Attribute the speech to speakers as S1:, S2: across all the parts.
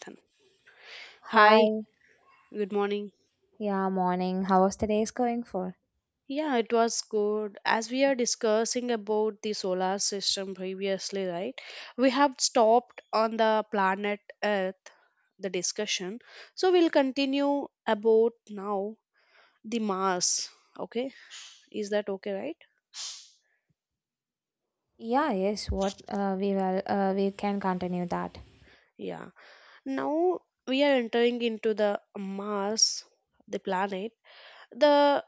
S1: Done. Hi,
S2: Hi,
S1: good morning.
S2: yeah, morning. How was the day going for?
S1: Yeah, it was good. As we are discussing about the solar system previously, right? We have stopped on the planet Earth, the discussion. So we'll continue about now the Mars. Okay, is that okay, right?
S2: Yeah, yes, what we will we can continue that.
S1: Yeah. Now we are entering into the Mars, the planet. The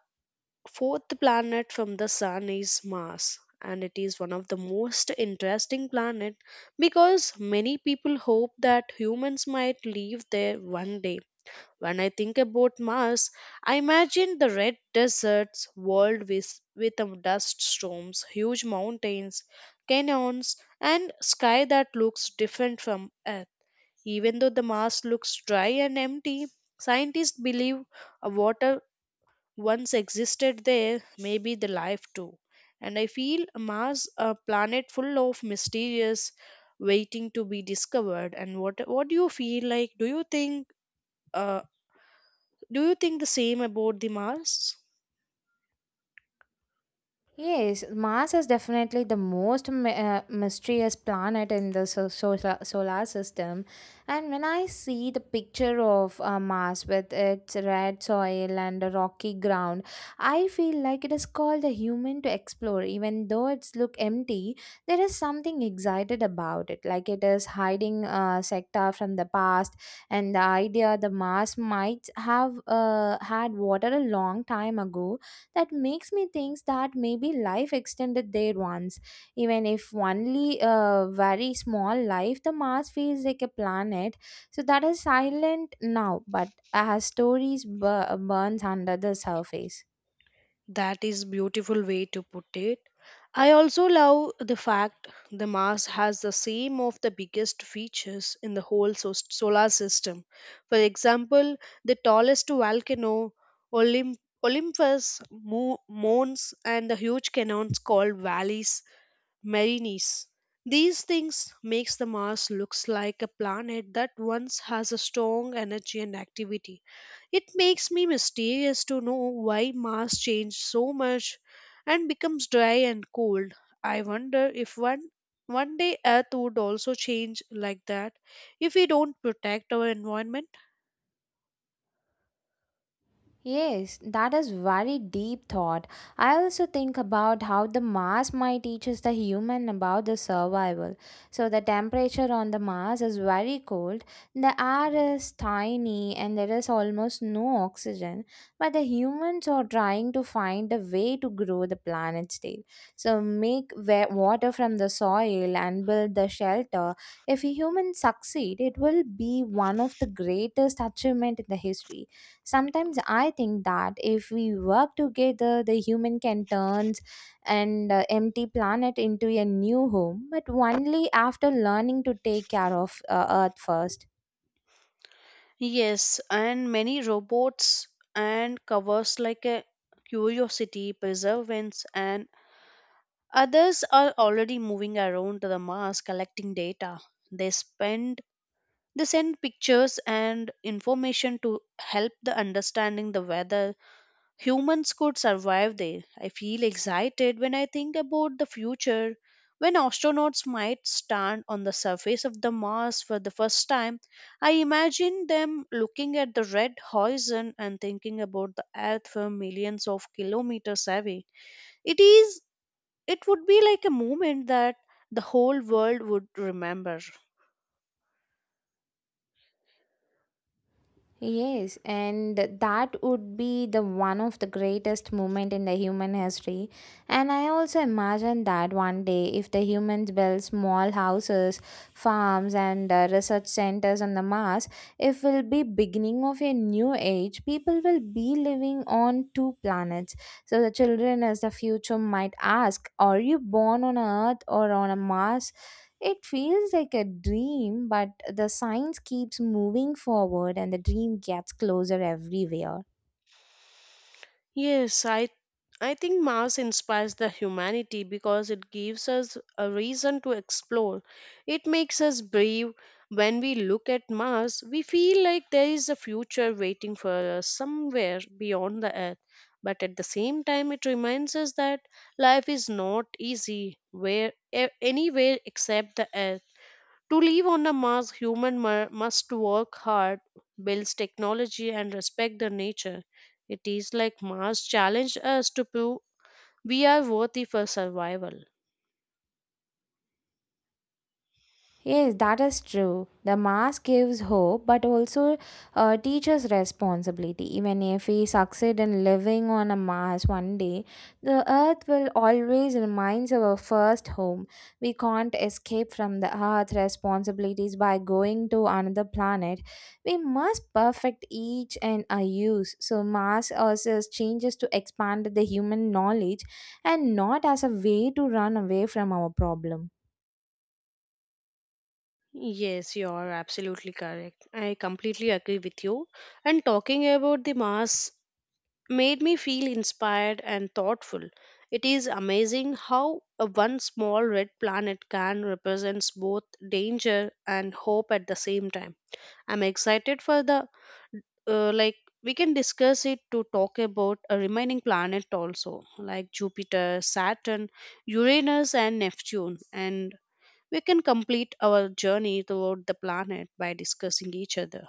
S1: fourth planet from the sun is Mars and it is one of the most interesting planet because many people hope that humans might live there one day. When I think about Mars, I imagine the red deserts, world with dust storms, huge mountains, canyons, and sky that looks different from Earth. Even though the Mars looks dry and empty, scientists believe water once existed there maybe the life too. And I feel Mars a planet full of mysterious waiting to be discovered. And what do you feel like? Uh do you think the same about the Mars?
S2: Yes, Mars is definitely the most mysterious planet in the solar system. And when I see the picture of Mars with its red soil and the rocky ground, I feel like it is called a human to explore. Even though it's look empty, there is something excited about it. Like it is hiding sector from the past, and the idea the Mars might have had water a long time ago that makes me think that maybe life extended there once even if only a very small life, the Mars feels like a planet so that is silent now but has stories burns under the surface.
S1: That is beautiful way to put it. I also love the fact the Mars has the same of the biggest features in the whole solar system. For example, the tallest volcano, Olymp- Olympus, Mons, and the huge canyons called valleys Merinice. These things makes the Mars looks like a planet that once has a strong energy and activity. It makes me mysterious to know why Mars changed so much and becomes dry and cold. I wonder if one day Earth would also change like that if we don't protect our environment.
S2: Yes, that is very deep thought. I also think about how the Mars might teaches the human about the survival. So the temperature on the Mars is very cold, the air is tiny and there is almost no oxygen, but the humans are trying to find a way to grow the planet still. So make water from the soil and build the shelter. If humans succeed, it will be one of the greatest achievement in the history. Sometimes I think that if we work together, the human can turn an empty planet into a new home, but only after learning to take care of Earth first.
S1: Yes, and many robots and covers like a curiosity, perseverance, and others are already moving around the Mars collecting data. They spend they send pictures and information to help the understanding the weather humans could survive there. I feel excited when I think about the future when astronauts might stand on the surface of the Mars for the first time. I imagine them looking at the red horizon and thinking about the Earth from millions of kilometers away. It is it would be like a moment that the whole world would remember.
S2: Yes, and that would be the one of the greatest moment in the human history. And I also imagine that one day, if the humans build small houses, farms, and research centers on the Mars, it will be beginning of a new age. People will be living on two planets. So the children as the future might ask, "Are you born on Earth or on a Mars?" It feels like a dream, but the science keeps moving forward and the dream gets closer everywhere.
S1: Yes, I think Mars inspires the humanity because it gives us a reason to explore. It makes us brave. When we look at Mars, we feel like there is a future waiting for us somewhere beyond the Earth. But at the same time, it reminds us that life is not easy where anywhere except the Earth. To live on a Mars, human must work hard, builds technology, and respect the nature. It is like Mars challenged us to prove we are worthy for survival.
S2: Yes, that is true. The mask gives hope but also teaches responsibility. Even if we succeed in living on a Mars one day, the Earth will always remain our first home. We can't escape from the Earth responsibilities by going to another planet. We must perfect each and our use. So, Mars also changes to expand the human knowledge and not as a way to run away from our problem.
S1: Yes, you are absolutely correct. I completely agree with you. And talking about the Mars made me feel inspired and thoughtful. It is amazing how a one small red planet can represents both danger and hope at the same time. I'm excited for the like we can discuss it to talk about a remaining planet also like Jupiter, Saturn, Uranus and Neptune and we can complete our journey throughout the planet by discussing each other.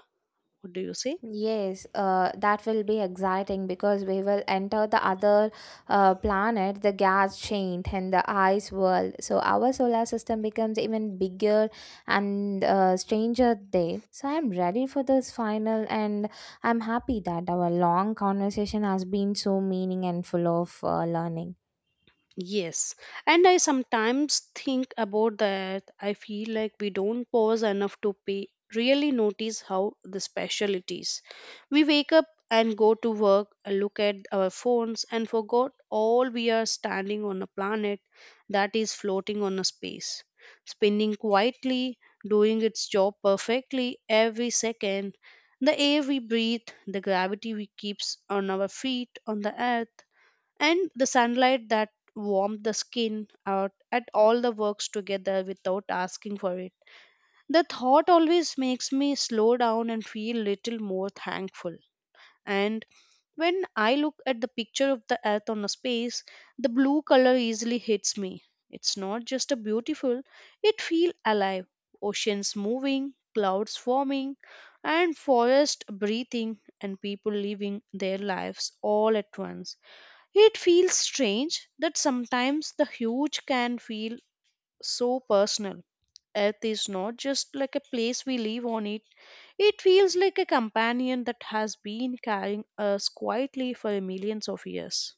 S1: What do you say?
S2: Yes, that will be exciting because we will enter the other planet, the gas chain, and the ice world. So our solar system becomes even bigger and stranger there. So I'm ready for this final, and I'm happy that our long conversation has been so meaning and full of learning.
S1: Yes, and I sometimes think about that. I feel like we don't pause enough to pay, really notice how the special it is. We wake up and go to work, and look at our phones, and forgot all we are standing on a planet that is floating on a space, spinning quietly, doing its job perfectly every second. The air we breathe, the gravity we keeps on our feet on the earth and the sunlight that warmed the skin out at all the works together without asking for it. The thought always makes me slow down and feel little more thankful. And when I look at the picture of the earth on a space, the blue color easily hits me. It's not just a beautiful, it feel alive. Oceans moving, clouds forming, and forest breathing and people living their lives all at once it feels strange that sometimes the huge can feel so personal. Earth is not just like a place we live on it, it feels like a companion that has been carrying us quietly for millions of years.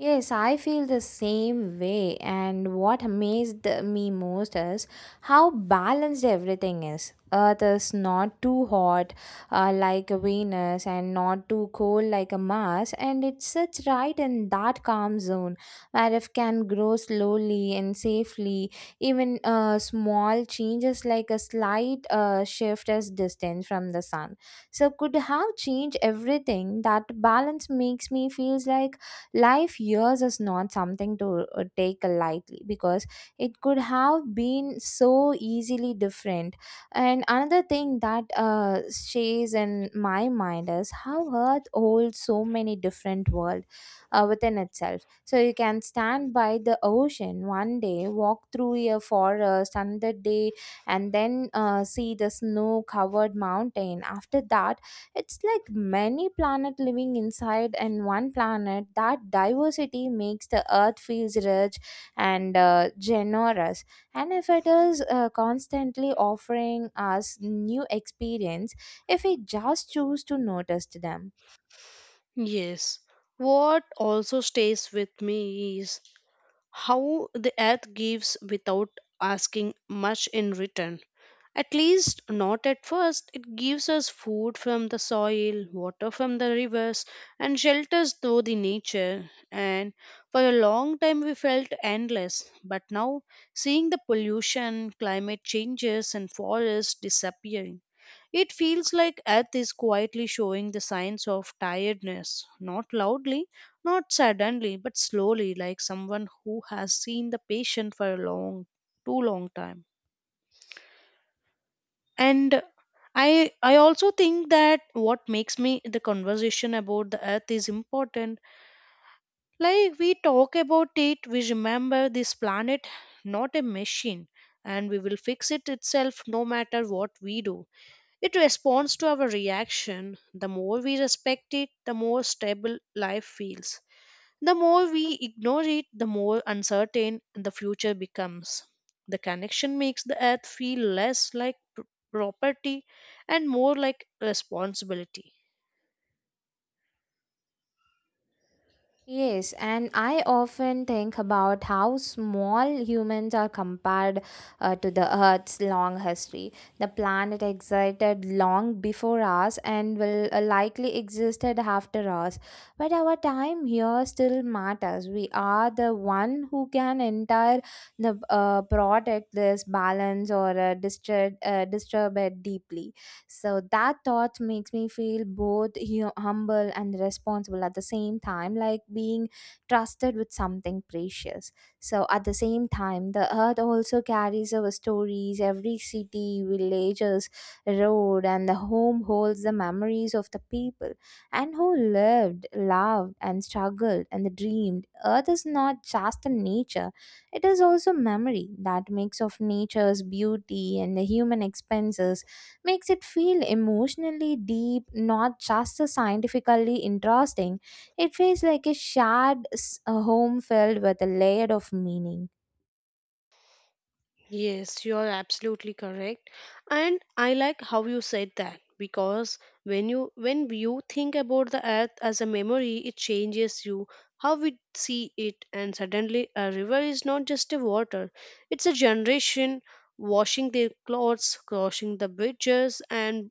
S2: Yes, I feel the same way, and what amazed me most is how balanced everything is. Earth is not too hot like Venus and not too cold like a Mars, and it sits right in that calm zone where it can grow slowly and safely. Even small changes like a slight shift as distance from the sun. So, could have changed everything. That balance makes me feels like life years is not something to take lightly because it could have been so easily different, and another thing that stays in my mind is how earth holds so many different worlds within itself. So you can stand by the ocean one day, walk through a forest another day, and then see the snow covered mountain after that. It's like many planets living inside and one planet. That diversity makes the earth feels rich and generous. And if it is constantly offering us new experience, if we just choose to notice them.
S1: Yes, what also stays with me is how the earth gives without asking much in return. At least not at first. It gives us food from the soil, water from the rivers, and shelters through the nature. And for a long time we felt endless. But now, seeing the pollution, climate changes, and forests disappearing, it feels like Earth is quietly showing the signs of tiredness. Not loudly, not suddenly, but slowly, like someone who has seen the patient for a long, too long time. And I also think that what makes me the conversation about the earth is important, like we talk about it, we remember this planet, not a machine, and we will fix it itself no matter what we do. It responds to our reaction. The more we respect it, the more stable life feels. The more we ignore it, the more uncertain the future becomes. The connection makes the earth feel less like property and more like responsibility.
S2: Yes, and I often think about how small humans are compared to the Earth's long history. The planet existed long before us and will likely existed after us. But our time here still matters. We are the one who can enter the product this balance or disturb it deeply. So that thought makes me feel both humble and responsible at the same time, like being trusted with something precious. So at the same time, the earth also carries our stories. Every city, villages, road, and the home holds the memories of the people and who lived, loved, and struggled and dreamed. Earth is not just a nature; it is also memory that makes of nature's beauty and the human expenses makes it feel emotionally deep, not just a scientifically interesting. It feels like a home filled with a layer of meaning.
S1: Yes, you are absolutely correct. And I like how you said that, because when you think about the earth as a memory, it changes you how we see it, and suddenly a river is not just a water. It's a generation washing their clothes, crossing the bridges and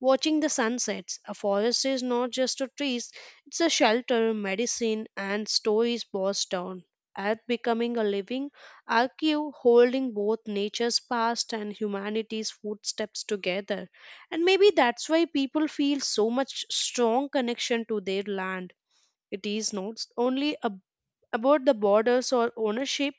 S1: watching the sunsets. A forest is not just a trees, it's a shelter, medicine, and stories passed down. Earth becoming a living archive holding both nature's past and humanity's footsteps together. And maybe that's why people feel so much strong connection to their land. It is not only a about the borders or ownership.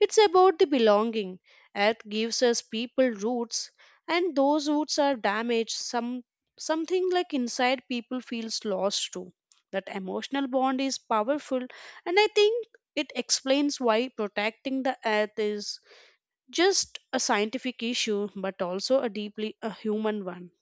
S1: It's about the belonging. Earth gives us people roots, and those roots are damaged. Something like inside people feels lost too. That emotional bond is powerful, and I think it explains why protecting the earth is just a scientific issue, but also a deeply a human one.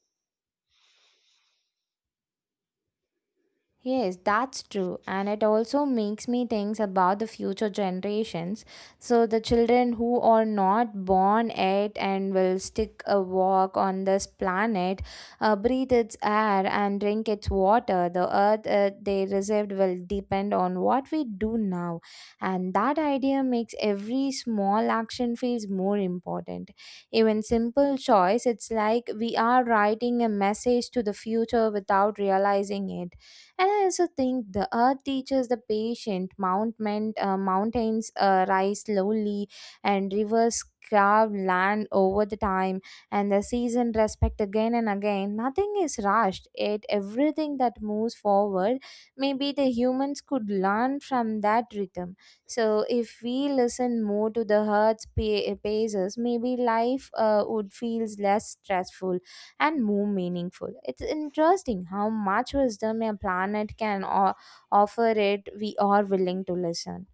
S2: Yes, that's true. And it also makes me think about the future generations. So, the children who are not born yet and will stick a walk on this planet, breathe its air, and drink its water, the earth they received will depend on what we do now. And that idea makes every small action feels more important. Even simple choice, it's like we are writing a message to the future without realizing it. And I also think the earth teaches the patient mount mountains rise slowly and rivers carve land over the time and the season respect again and again. Nothing is rushed, yet everything that moves forward, maybe the humans could learn from that rhythm. So if we listen more to the heart's paces, maybe life would feels less stressful and more meaningful. It's interesting how much wisdom a planet can offer it we are willing to listen.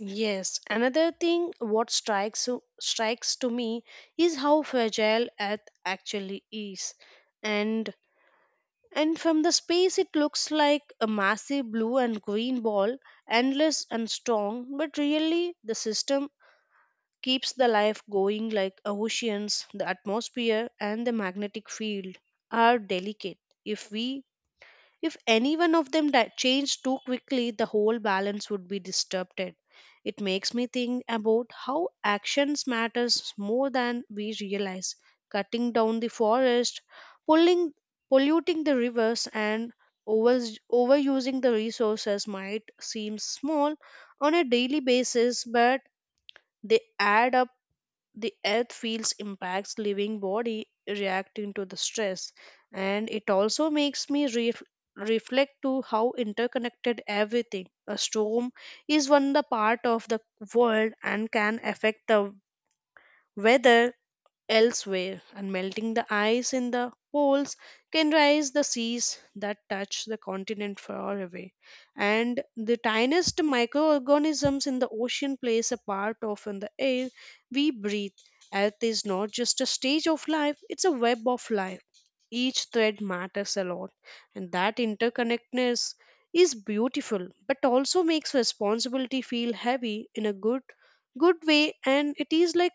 S1: Yes, another thing what strikes to me is how fragile Earth actually is. And and from the space it looks like a massive blue and green ball, endless and strong, but really the system keeps the life going like oceans, the atmosphere and the magnetic field are delicate. If we if any one of them changed too quickly, the whole balance would be disturbed. It makes me think about how actions matters more than we realize. Cutting down the forest, pulling, polluting the rivers, and over, overusing the resources might seem small on a daily basis, but they add up. The earth feels impacts living body reacting to the stress, and it also makes me reflect to how interconnected everything. A storm is one the part of the world and can affect the weather elsewhere, and melting the ice in the poles can raise the seas that touch the continent far away. And the tiniest microorganisms in the ocean plays a part of in the air we breathe. Earth is not just a stage of life, it's a web of life. Each thread matters a lot, and that interconnectedness is beautiful, but also makes responsibility feel heavy in a good way, and it is like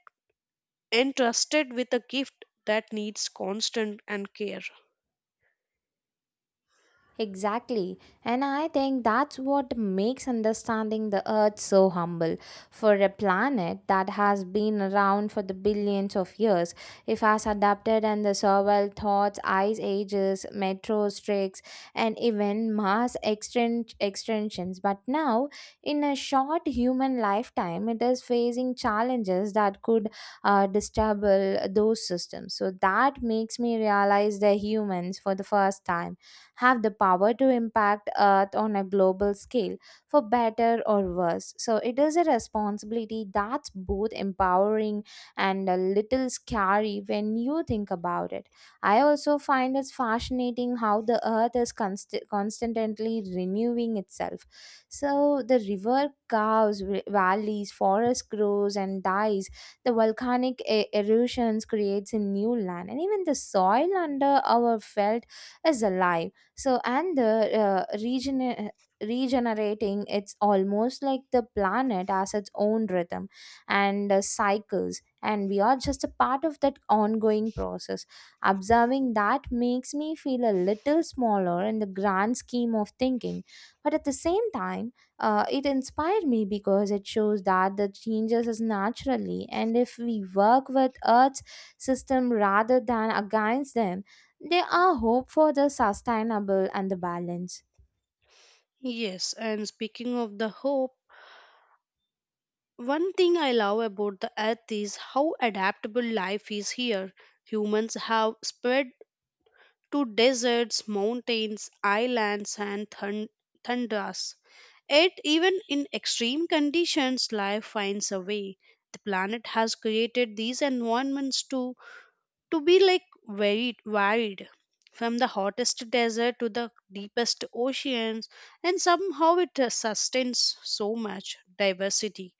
S1: entrusted with a gift that needs constant and care.
S2: Exactly. And I think that's what makes understanding the earth so humble. For a planet that has been around for the billions of years, it has adapted and the survival thoughts, ice ages, metro streaks, and even mass extinctions. But now, in a short human lifetime, it is facing challenges that could disturb those systems. So that makes me realize the humans for the first time have the power to impact Earth on a global scale, for better or worse. So it is a responsibility that's both empowering and a little scary when you think about it. I also find it fascinating how the Earth is constantly renewing itself. So the river curves, valleys, forest grows and dies. The volcanic erosions creates a new land, and even the soil under our felt is alive so, and the region. Regenerating, it's almost like the planet has its own rhythm and cycles, and we are just a part of that ongoing process. Observing that makes me feel a little smaller in the grand scheme of thinking, but at the same time, it inspired me because it shows that the changes is naturally and if we work with earth's system rather than against them they are hope for the sustainable and the balance.
S1: Yes, and speaking of the hope, one thing I love about the earth is how adaptable life is here. Humans have spread to deserts, mountains, islands, and thunders. Yet, even in extreme conditions, life finds a way. The planet has created these environments too to be like very varied, from the hottest desert to the deepest oceans, and somehow it sustains so much diversity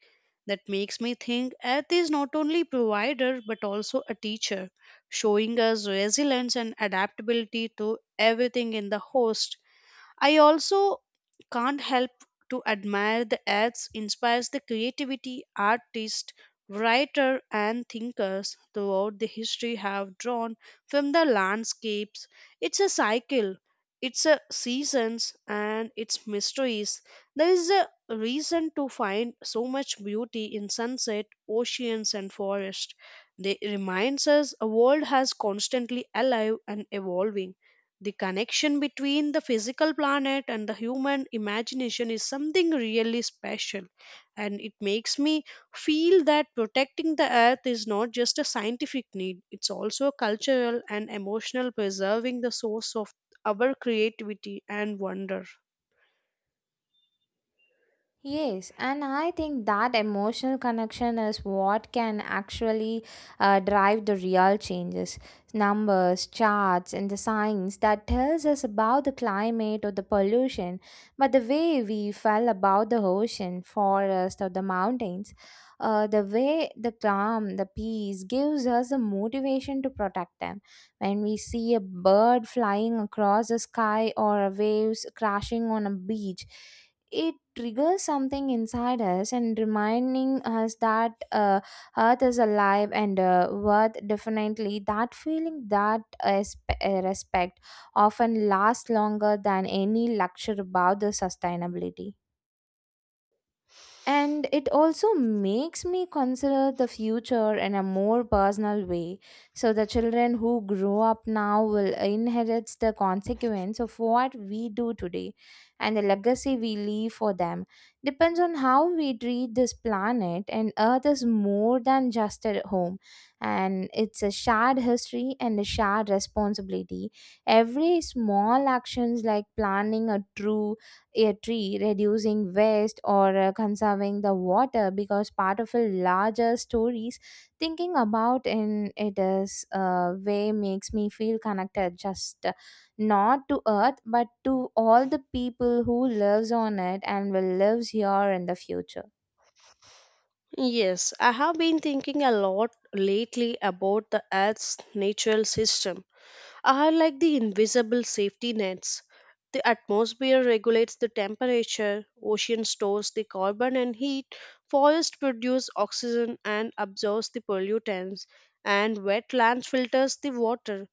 S1: that makes me think earth is not only provider but also a teacher, showing us resilience and adaptability to everything in the host. I also can't help to admire the acts inspires the creativity artists, writer and thinkers throughout the history have drawn from the landscapes. It's a cycle, it's a seasons and its mysteries. There is a reason to find so much beauty in sunset, oceans and forest. They reminds us a world has constantly alive and evolving. The connection between the physical planet and the human imagination is something really special, and it makes me feel that protecting the earth is not just a scientific need, it's also a cultural and emotional preserving the source of our creativity and wonder.
S2: Yes, and I think that emotional connection is what can actually drive the real changes. Numbers, charts, and the science that tells us about the climate or the pollution, but the way we feel about the ocean, forest, or the mountains, the way the calm, the peace gives us the motivation to protect them. When we see a bird flying across the sky or waves crashing on a beach, it triggers something inside us and reminding us that earth is alive and worth definitely that feeling that respect often lasts longer than any lecture about the sustainability, and it also makes me consider the future in a more personal way. So the children who grow up now will inherit the consequence of what we do today and the legacy we leave for them depends on how we treat this planet. And earth is more than just a home, and it's a shared history and a shared responsibility. Every small actions like planning a tree, reducing waste or conserving the water because part of a larger stories thinking about in it is way makes me feel connected, just not to earth but to all the people who lives on it and will lives here in the future.
S1: Yes, I have been thinking a lot lately about the Earth's natural system are like the invisible safety nets. The atmosphere regulates the temperature, ocean stores the carbon and heat, forest produce oxygen and absorbs the pollutants, and wetlands filters the water.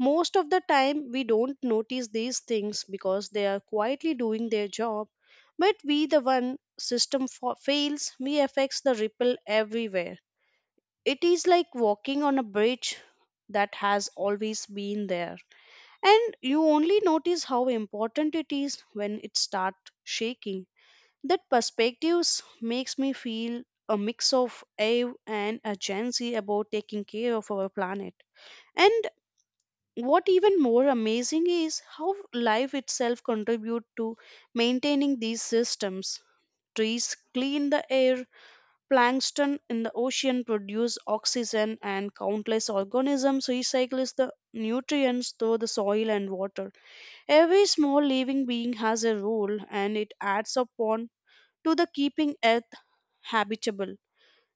S1: Most of the time we don't notice these things because they are quietly doing their job, but we the one system fails, we affects the ripple everywhere. It is like walking on a bridge that has always been there. And you only notice how important it is when it starts shaking. That perspectives makes me feel a mix of awe and urgency about taking care of our planet. And what even more amazing is how life itself contribute to maintaining these systems. Trees clean the air, plankton in the ocean produce oxygen, and countless organisms recycle the nutrients through the soil and water. Every small living being has a role and it adds upon to the keeping earth habitable.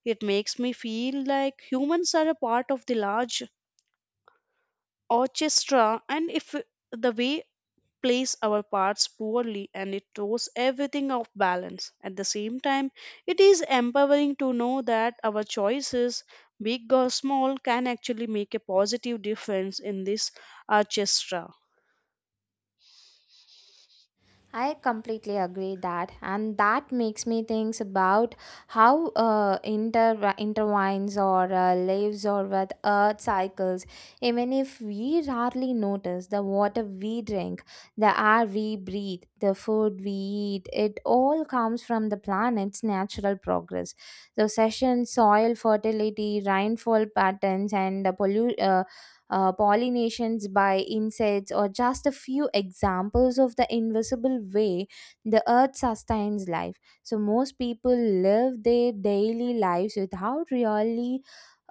S1: It makes me feel like humans are a part of the large orchestra, and if the way plays our parts poorly and it throws everything off balance. At the same time, it is empowering to know that our choices, big or small, can actually make a positive difference in this orchestra.
S2: I completely agree that, and that makes me think about how intertwines or lives or with earth cycles. Even if we rarely notice the water we drink, the air we breathe, the food we eat, it all comes from the planet's natural progress. The session, soil fertility, rainfall patterns, and the pollinations by insects or just a few examples of the invisible way the earth sustains life. So, most people live their daily lives without really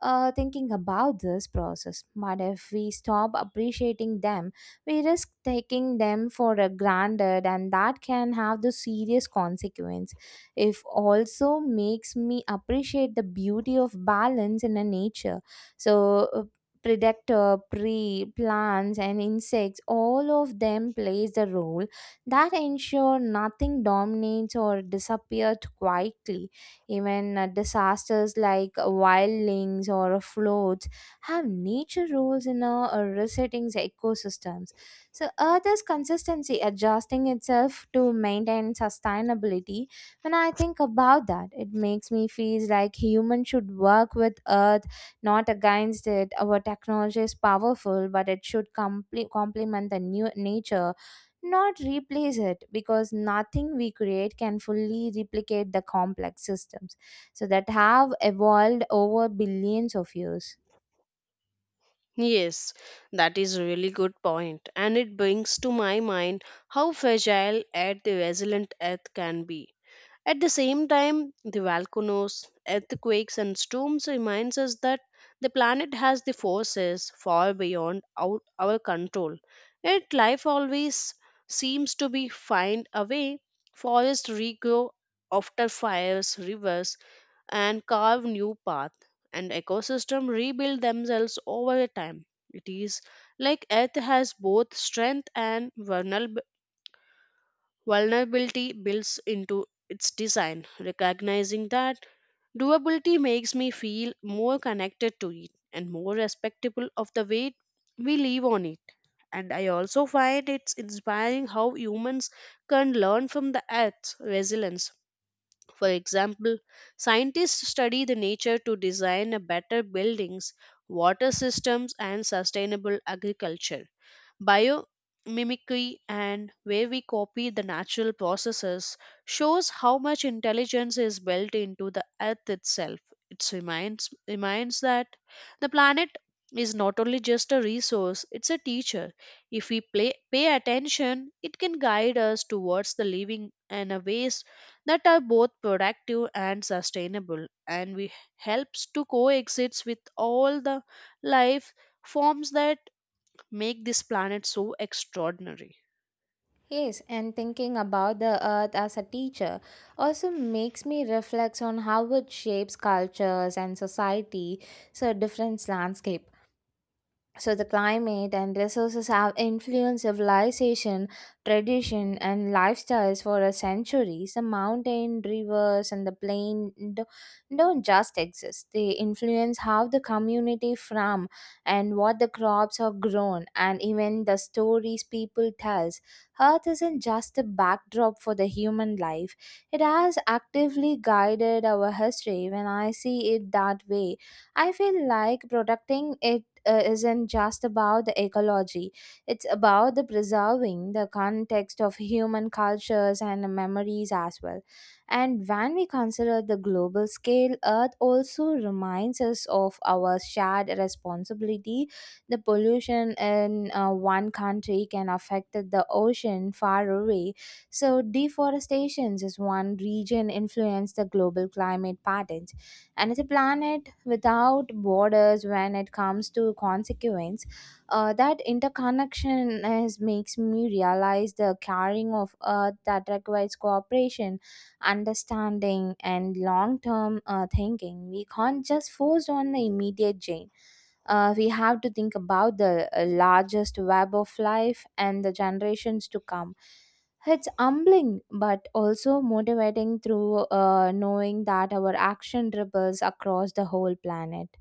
S2: thinking about this process. But if we stop appreciating them, we risk taking them for granted, and that can have the serious consequence. If also makes me appreciate the beauty of balance in a nature. So predator, prey, plants, and insects, all of them plays the role that ensure nothing dominates or disappears quietly. Even disasters like wildlings or floods have nature roles in resetting the ecosystems. So Earth is consistency adjusting itself to maintain sustainability. When I think about that, it makes me feel like humans should work with Earth not against it. Our technology is powerful, but it should complement the new nature, not replace it, because nothing we create can fully replicate the complex systems so that have evolved over billions of years.
S1: Yes, that is really good point, and it brings to my mind how fragile and the resilient Earth can be. At the same time, the volcanoes, earthquakes, and storms reminds us that the planet has the forces far beyond our control. Yet life always seems to be find a way. Forests regrow after fires, rivers, and carve new path and ecosystem rebuild themselves over the time. It is like earth has both strength and vulnerability built into its design. Recognizing that durability makes me feel more connected to it and more respectable of the weight we live on it. And I also find it's inspiring how humans can learn from the earth's resilience. For example, scientists study the nature to design a better buildings, water systems and sustainable agriculture. Biomimicry and where we copy the natural processes shows how much intelligence is built into the earth itself. It reminds that the planet is not only just a resource, it's a teacher. If we pay attention, it can guide us towards the living in a ways that are both productive and sustainable, and we helps to coexist with all the life forms that make this planet so extraordinary.
S2: Yes, and thinking about the earth as a teacher also makes me reflect on how it shapes cultures and society, so different landscape. So the climate and resources have influenced civilization, tradition, and lifestyles for a centuries. The mountain, rivers, and the plain don't just exist. They influence how the community farm and what the crops are grown, and even the stories people tells. Earth isn't just a backdrop for the human life. It has actively guided our history. When I see it that way, I feel like protecting it isn't just about the ecology. It's about the preserving the context of human cultures and memories as well. And when we consider the global scale, earth also reminds us of our shared responsibility. The pollution in one country can affect the ocean far away, so deforestation is one region influence the global climate patterns, and it's a planet without borders when it comes to consequence. That interconnection is, makes me realize the caring of earth that requires cooperation, understanding and long-term thinking. We can't just force on the immediate gain. We have to think about the largest web of life and the generations to come. It's humbling but also motivating through knowing that our action ripples across the whole planet.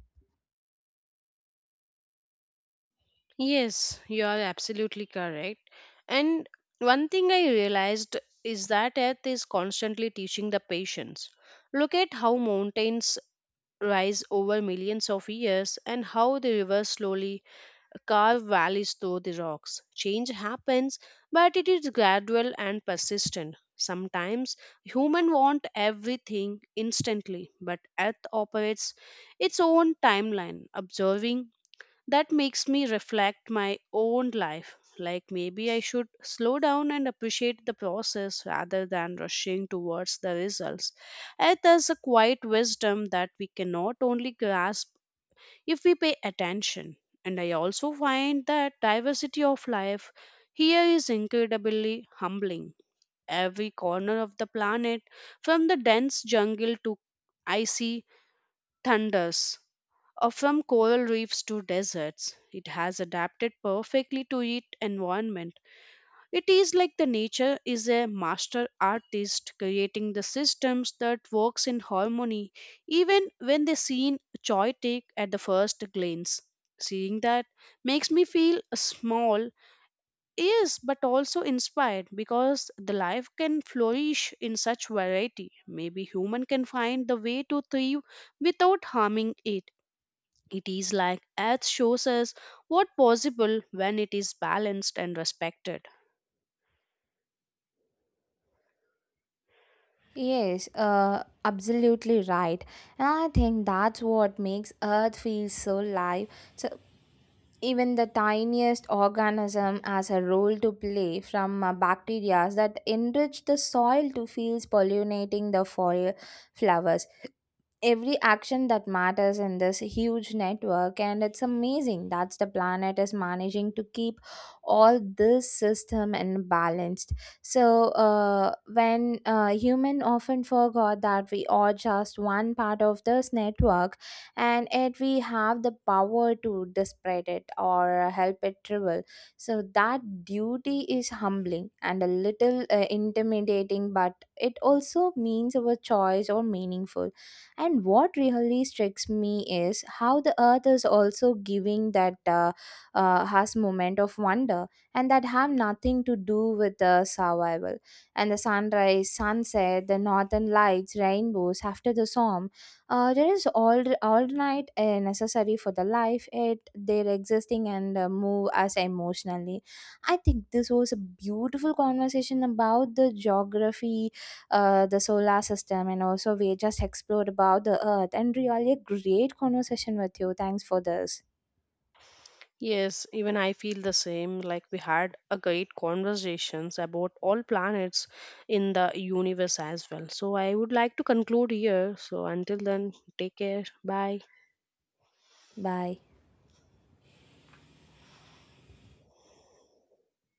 S1: Yes, you are absolutely correct. And one thing I realized is that Earth is constantly teaching the patience. Look at how mountains rise over millions of years and how the rivers slowly carve valleys through the rocks. Change happens, but it is gradual and persistent. Sometimes humans want everything instantly, but Earth operates its own timeline. Observing that makes me reflect my own life. Like maybe I should slow down and appreciate the process rather than rushing towards the results. Earth has a quiet wisdom that we cannot only grasp if we pay attention. And I also find that diversity of life here is incredibly humbling. Every corner of the planet, from the dense jungle to icy thunders, or from coral reefs to deserts, it has adapted perfectly to its environment. It is like the nature is a master artist creating the systems that works in harmony even when they seem chaotic at the first glance. Seeing that makes me feel small, yes, but also inspired because the life can flourish in such variety. Maybe human can find the way to thrive without harming it. It is like earth shows us what possible when it is balanced and respected.
S2: Yes, absolutely right. And I think that's what makes Earth feel so live. So even the tiniest organism has a role to play, from bacteria that enrich the soil to fields pollinating the foil flowers. Every action that matters in this huge network, and it's amazing that the planet is managing to keep all this system in balanced. So when human often forgot that we are just one part of this network, and yet we have the power to spread it or help it travel. So that duty is humbling and a little intimidating, but it also means our choice or meaningful. And what really strikes me is how the earth is also giving that has moment of wonder and that have nothing to do with the survival. And the sunrise, sunset, the northern lights, rainbows after the storm, there is all night necessary for the life. It they're existing and move us emotionally. I think this was a beautiful conversation about the geography, the solar system, and also we just explored about the earth, and really a great conversation with you. Thanks for this.
S1: Yes, even I feel the same. Like we had a great conversations about all planets in the universe as well. So I would like to conclude here. So until then, take care. Bye.
S2: Bye.